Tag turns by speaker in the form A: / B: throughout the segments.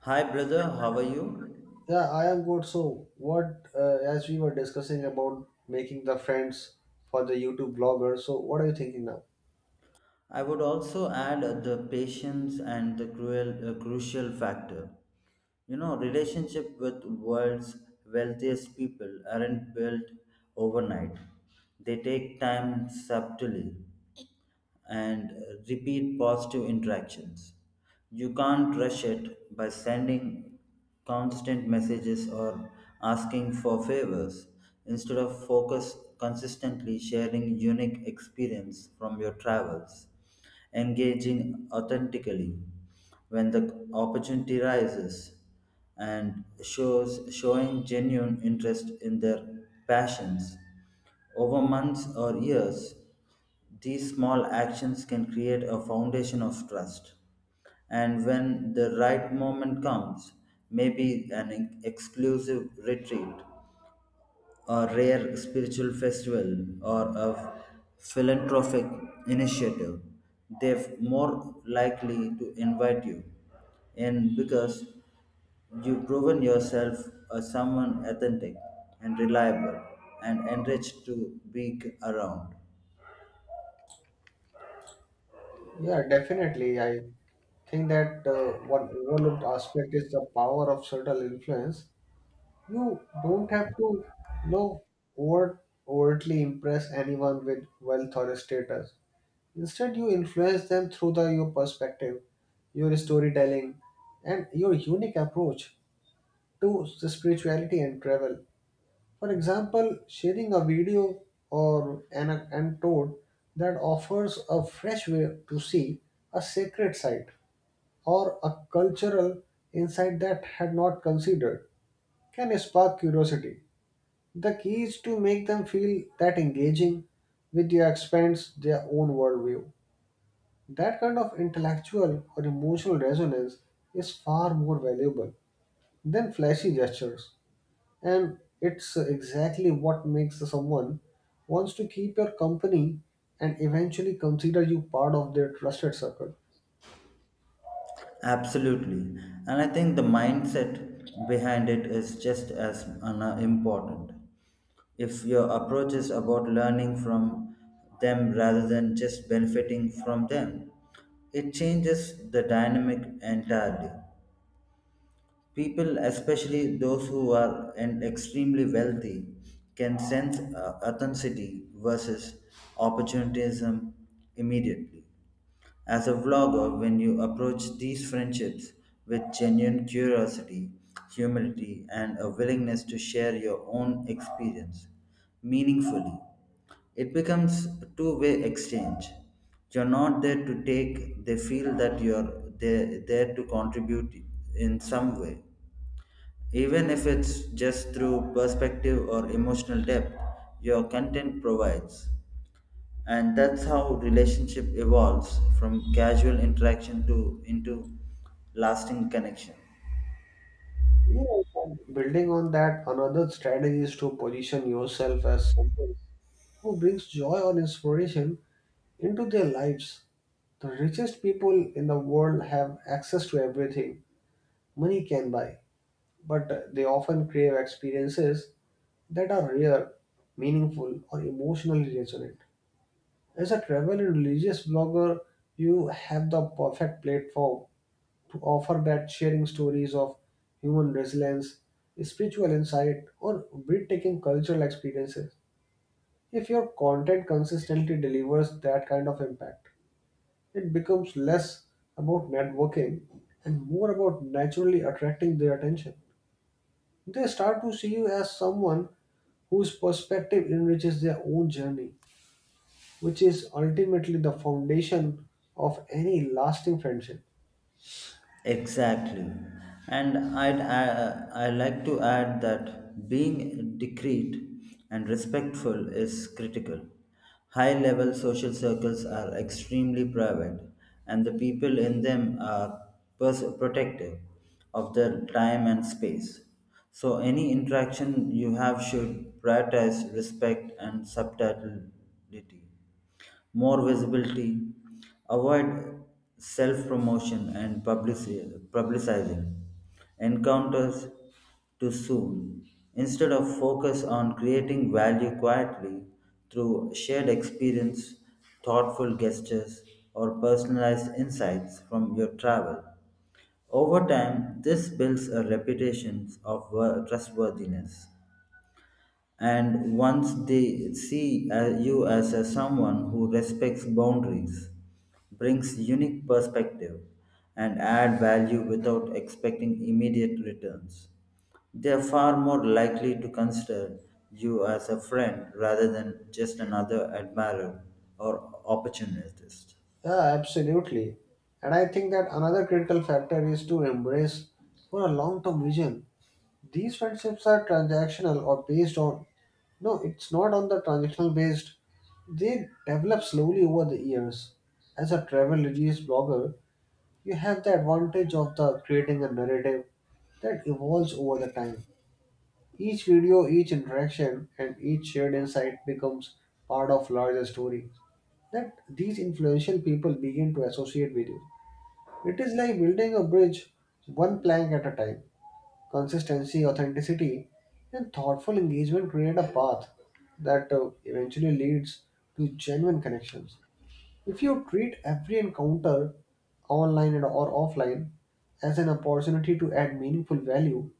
A: Hi, brother, how are you?
B: Yeah, I am good. So, what, as we were discussing about making the friends for the YouTube blogger, so what are you thinking now?
A: I would also add the patience and the crucial factor. You know, relationship with world's wealthiest people aren't built overnight. They take time subtly, and repeat positive interactions. You can't rush it by sending constant messages or asking for favors. Instead of focus consistently sharing unique experience from your travels, engaging authentically when the opportunity rises and shows showing genuine interest in their passions over months or years these small actions can create a foundation of trust. And when the right moment comes, maybe an exclusive retreat, a rare spiritual festival, or a philanthropic initiative, they're more likely to invite you. And because you've proven yourself as someone authentic and reliable and enriched to be around.
B: Yeah, definitely. I think that one overlooked aspect is the power of subtle influence. You don't have to, know, overtly impress anyone with wealth or status. Instead, you influence them through your perspective, your storytelling, and your unique approach to the spirituality and travel. For example, sharing a video or an anecdote that offers a fresh way to see a sacred site or a cultural insight that had not considered can spark curiosity. The key is to make them feel that engaging with you expands their own worldview. That kind of intellectual or emotional resonance is far more valuable than flashy gestures. And it's exactly what makes someone wants to keep your company and eventually consider you part of their trusted circle.
A: Absolutely. And I think the mindset behind it is just as important. If your approach is about learning from them rather than just benefiting from them, it changes the dynamic entirely. People, especially those who are and extremely wealthy, can sense authenticity versus opportunism immediately. As a vlogger, when you approach these friendships with genuine curiosity, humility, and a willingness to share your own experience meaningfully, it becomes a two-way exchange. You're not there to take, they feel that you're there, to contribute in some way. Even if it's just through perspective or emotional depth, your content provides and that's how relationship evolves from casual interaction to into lasting connection.
B: Yeah, and building on that, another strategy is to position yourself as someone who brings joy or inspiration into their lives. The richest people in the world have access to everything money can buy, but they often crave experiences that are rare, meaningful, or emotionally resonant. As a travel and religious blogger, you have the perfect platform to offer that, sharing stories of human resilience, spiritual insight, or breathtaking cultural experiences. If your content consistently delivers that kind of impact, it becomes less about networking and more about naturally attracting their attention. They start to see you as someone whose perspective enriches their own journey, which is ultimately the foundation of any lasting friendship.
A: Exactly. And I like to add that being discreet and respectful is critical. High level social circles are extremely private, and the people in them are protective of their time and space. So, any interaction you have should prioritize respect and subtlety more visibility, avoid self promotion and publicizing encounters too soon. Instead of focus on creating value quietly through shared experience, thoughtful gestures, or personalized insights from your travel. Over time, this builds a reputation of trustworthiness and once they see you as a someone who respects boundaries brings unique perspective and add value without expecting immediate returns they are far more likely to consider you as a friend rather than just another admirer or opportunist.
B: Yeah, absolutely. And I think that another critical factor is to embrace for a long-term vision. These friendships are transactional or based on, no, it's not on the transactional based. They develop slowly over the years. As a travel reviews blogger, you have the advantage of the creating a narrative that evolves over the time. Each video, each interaction, and each shared insight becomes part of larger story that these influential people begin to associate with you. It is like building a bridge one plank at a time. Consistency, authenticity, and thoughtful engagement create a path that eventually leads to genuine connections. If you treat every encounter, online and or offline, as an opportunity to add meaningful value,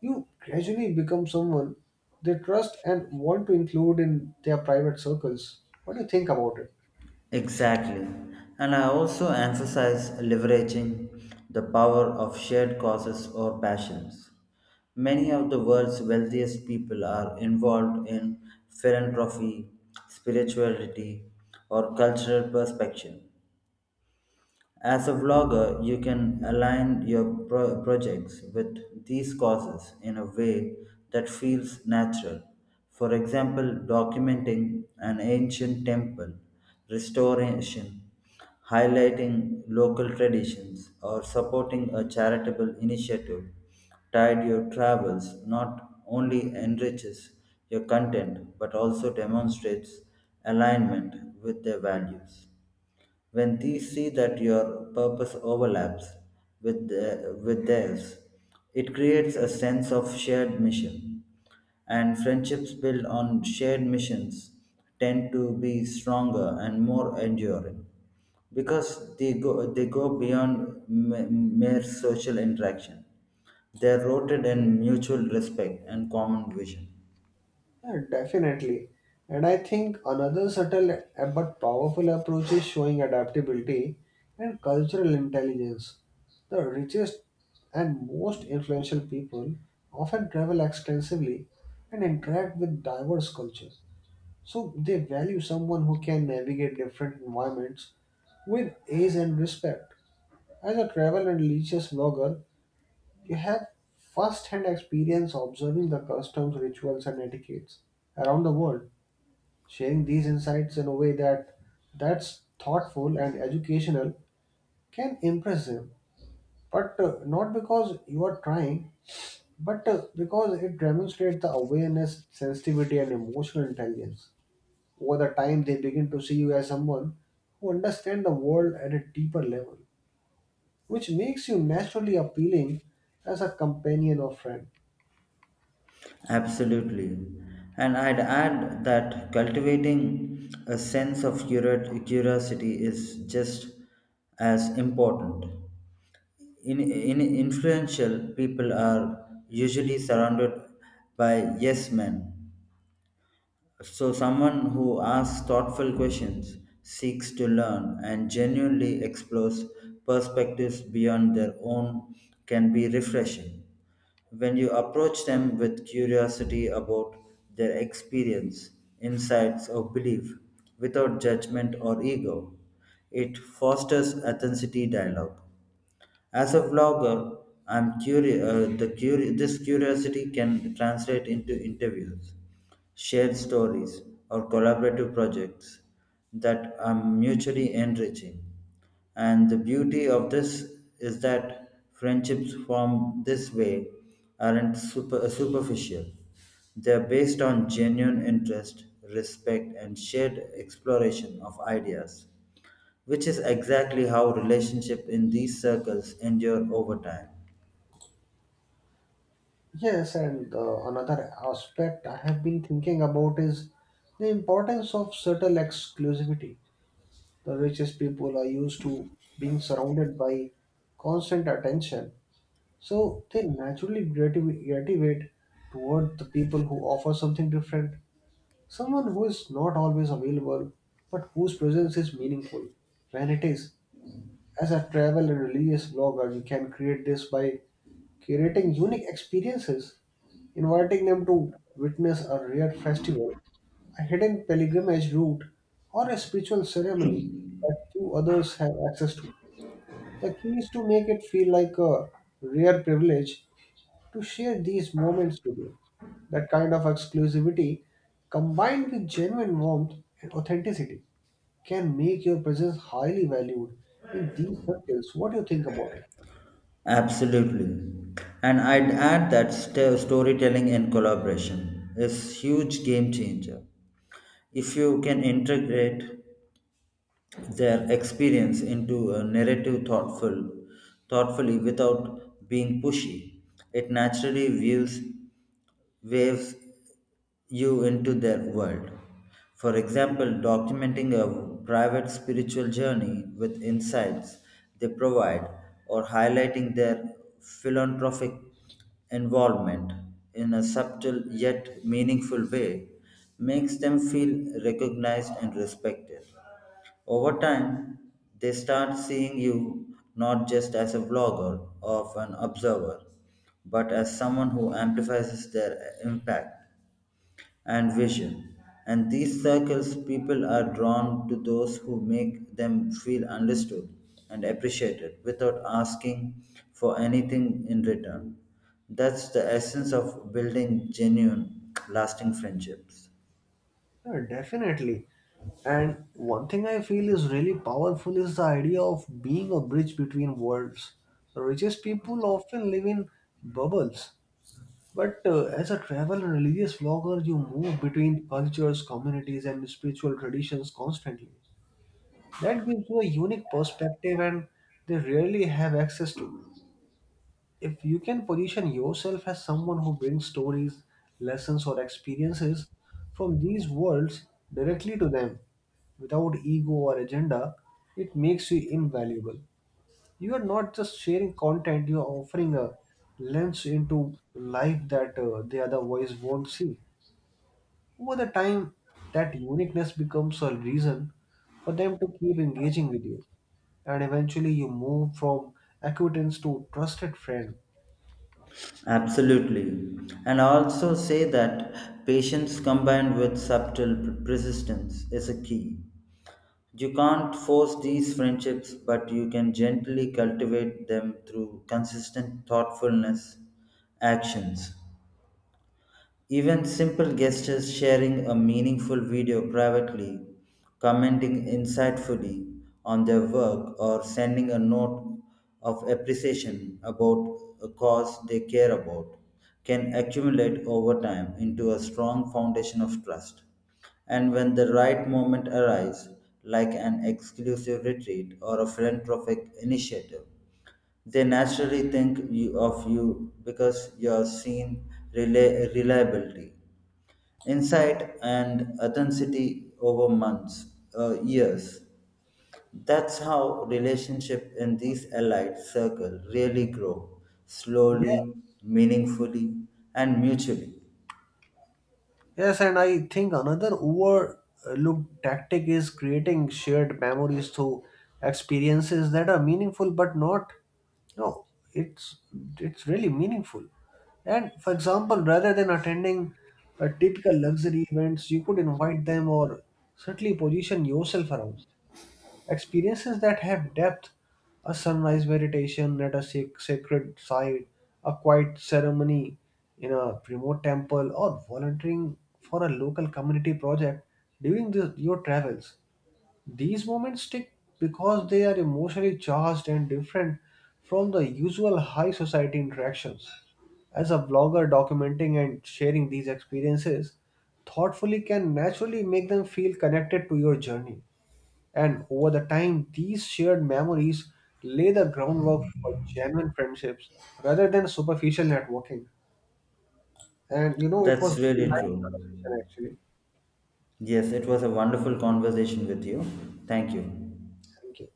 B: you gradually become someone they trust and want to include in their private circles. What do you think about it?
A: Exactly. And I also emphasize leveraging the power of shared causes or passions. Many of the world's wealthiest people are involved in philanthropy, spirituality, or cultural perspective, as a vlogger, you can align your projects with these causes in a way that feels natural. For example, documenting an ancient temple, restoration, highlighting local traditions, or supporting a charitable initiative tied to your travels not only enriches your content but also demonstrates alignment with their values. When they see that your purpose overlaps with theirs, it creates a sense of shared mission. And friendships built on shared missions tend to be stronger and more enduring because they go beyond mere social interaction. They are rooted in mutual respect and common vision.
B: Yeah, definitely. And I think another subtle but powerful approach is showing adaptability and cultural intelligence. The richest and most influential people often travel extensively and interact with diverse culture. So they value someone who can navigate different environments with ease and respect. As a travel and religious vlogger, you have first-hand experience observing the customs, rituals, and etiquettes around the world. Sharing these insights in a way that's thoughtful and educational can impress them, but not because you are trying, but because it demonstrates the awareness, sensitivity, and emotional intelligence. Over the time, they begin to see you as someone who understands the world at a deeper level, which makes you naturally appealing as a companion or friend.
A: Absolutely. And I'd add that cultivating a sense of curiosity is just as important. In influential people are usually surrounded by yes men so, someone who asks thoughtful questions, seeks to learn, and genuinely explores perspectives beyond their own can be refreshing. When you approach them with curiosity about their experience, insights, or belief without judgment or ego, it fosters authenticity dialogue as a vlogger, I'm curi- the curi- this curiosity can translate into interviews, shared stories, or collaborative projects that are mutually enriching. And the beauty of this is that friendships formed this way aren't superficial. They're based on genuine interest, respect, and shared exploration of ideas which is exactly how relationship in these circles endure over time.
B: Yes, and another aspect I have been thinking about is the importance of subtle exclusivity. The richest people are used to being surrounded by constant attention, so they naturally gravitate toward the people who offer something different. Someone who is not always available, but whose presence is meaningful when it is. As a travel and religious blogger, you can create this by curating unique experiences, inviting them to witness a rare festival, a hidden pilgrimage route, or a spiritual ceremony that few others have access to. The key is to make it feel like a rare privilege to share these moments with you. That kind of exclusivity, combined with genuine warmth and authenticity, can make your presence highly valued in these circles. What do you think about it?
A: Absolutely. And I'd add that storytelling and collaboration is huge game changer. If you can integrate their experience into a narrative thoughtfully without being pushy, it naturally views waves you into their world. For example, documenting a private spiritual journey with insights they provide or highlighting their philanthropic involvement in a subtle yet meaningful way makes them feel recognized and respected. Over time, they start seeing you not just as a vlogger or an observer, but as someone who amplifies their impact and vision. And these circles, people are drawn to those who make them feel understood and appreciated without asking for anything in return. That's the essence of building genuine, lasting friendships.
B: Yeah, definitely. And one thing I feel is really powerful is the idea of being a bridge between worlds. The richest people often live in bubbles, but as a travel and religious vlogger, you move between cultures, communities, and spiritual traditions constantly. That gives you a unique perspective, and they rarely have access to. If you can position yourself as someone who brings stories, lessons, or experiences from these worlds directly to them, without ego or agenda, it makes you invaluable. You are not just sharing content, you are offering a lens into life that the other voice won't see. Over the time, that uniqueness becomes a reason for them to keep engaging with you, and eventually, you move from acquaintance to trusted friend.
A: Absolutely. And I also say that patience combined with subtle persistence is a key. You can't force these friendships, but you can gently cultivate them through consistent thoughtfulness actions. Even simple gestures, sharing a meaningful video privately, commenting insightfully on their work, or sending a note of appreciation about a cause they care about, can accumulate over time into a strong foundation of trust. And when the right moment arrives, like an exclusive retreat or a philanthropic initiative, they naturally of you because you are seen reliability insight and authenticity over months, years. That's how relationship in these allied circle really grow
B: Yeah.
A: slowly, meaningfully, and mutually.
B: Yes, and I think another overlooked tactic is creating shared memories through experiences that are meaningful but not no It's, it's really meaningful. And for example, rather than attending a typical luxury events, you could invite them or certainly position yourself around experiences that have depth, a sunrise meditation at a sacred site, a quiet ceremony in a remote temple, or volunteering for a local community project during your travels. These moments stick because they are emotionally charged and different from the usual high society interactions. As a blogger documenting and sharing these experiences thoughtfully can naturally make them feel connected to your journey. And over the time, these shared memories lay the groundwork for genuine friendships rather than superficial networking. And you know, it was
A: That's
B: really
A: really
B: nice
A: true.
B: conversation actually.
A: Yes, it was a wonderful conversation with you. Thank you.
B: Thank you.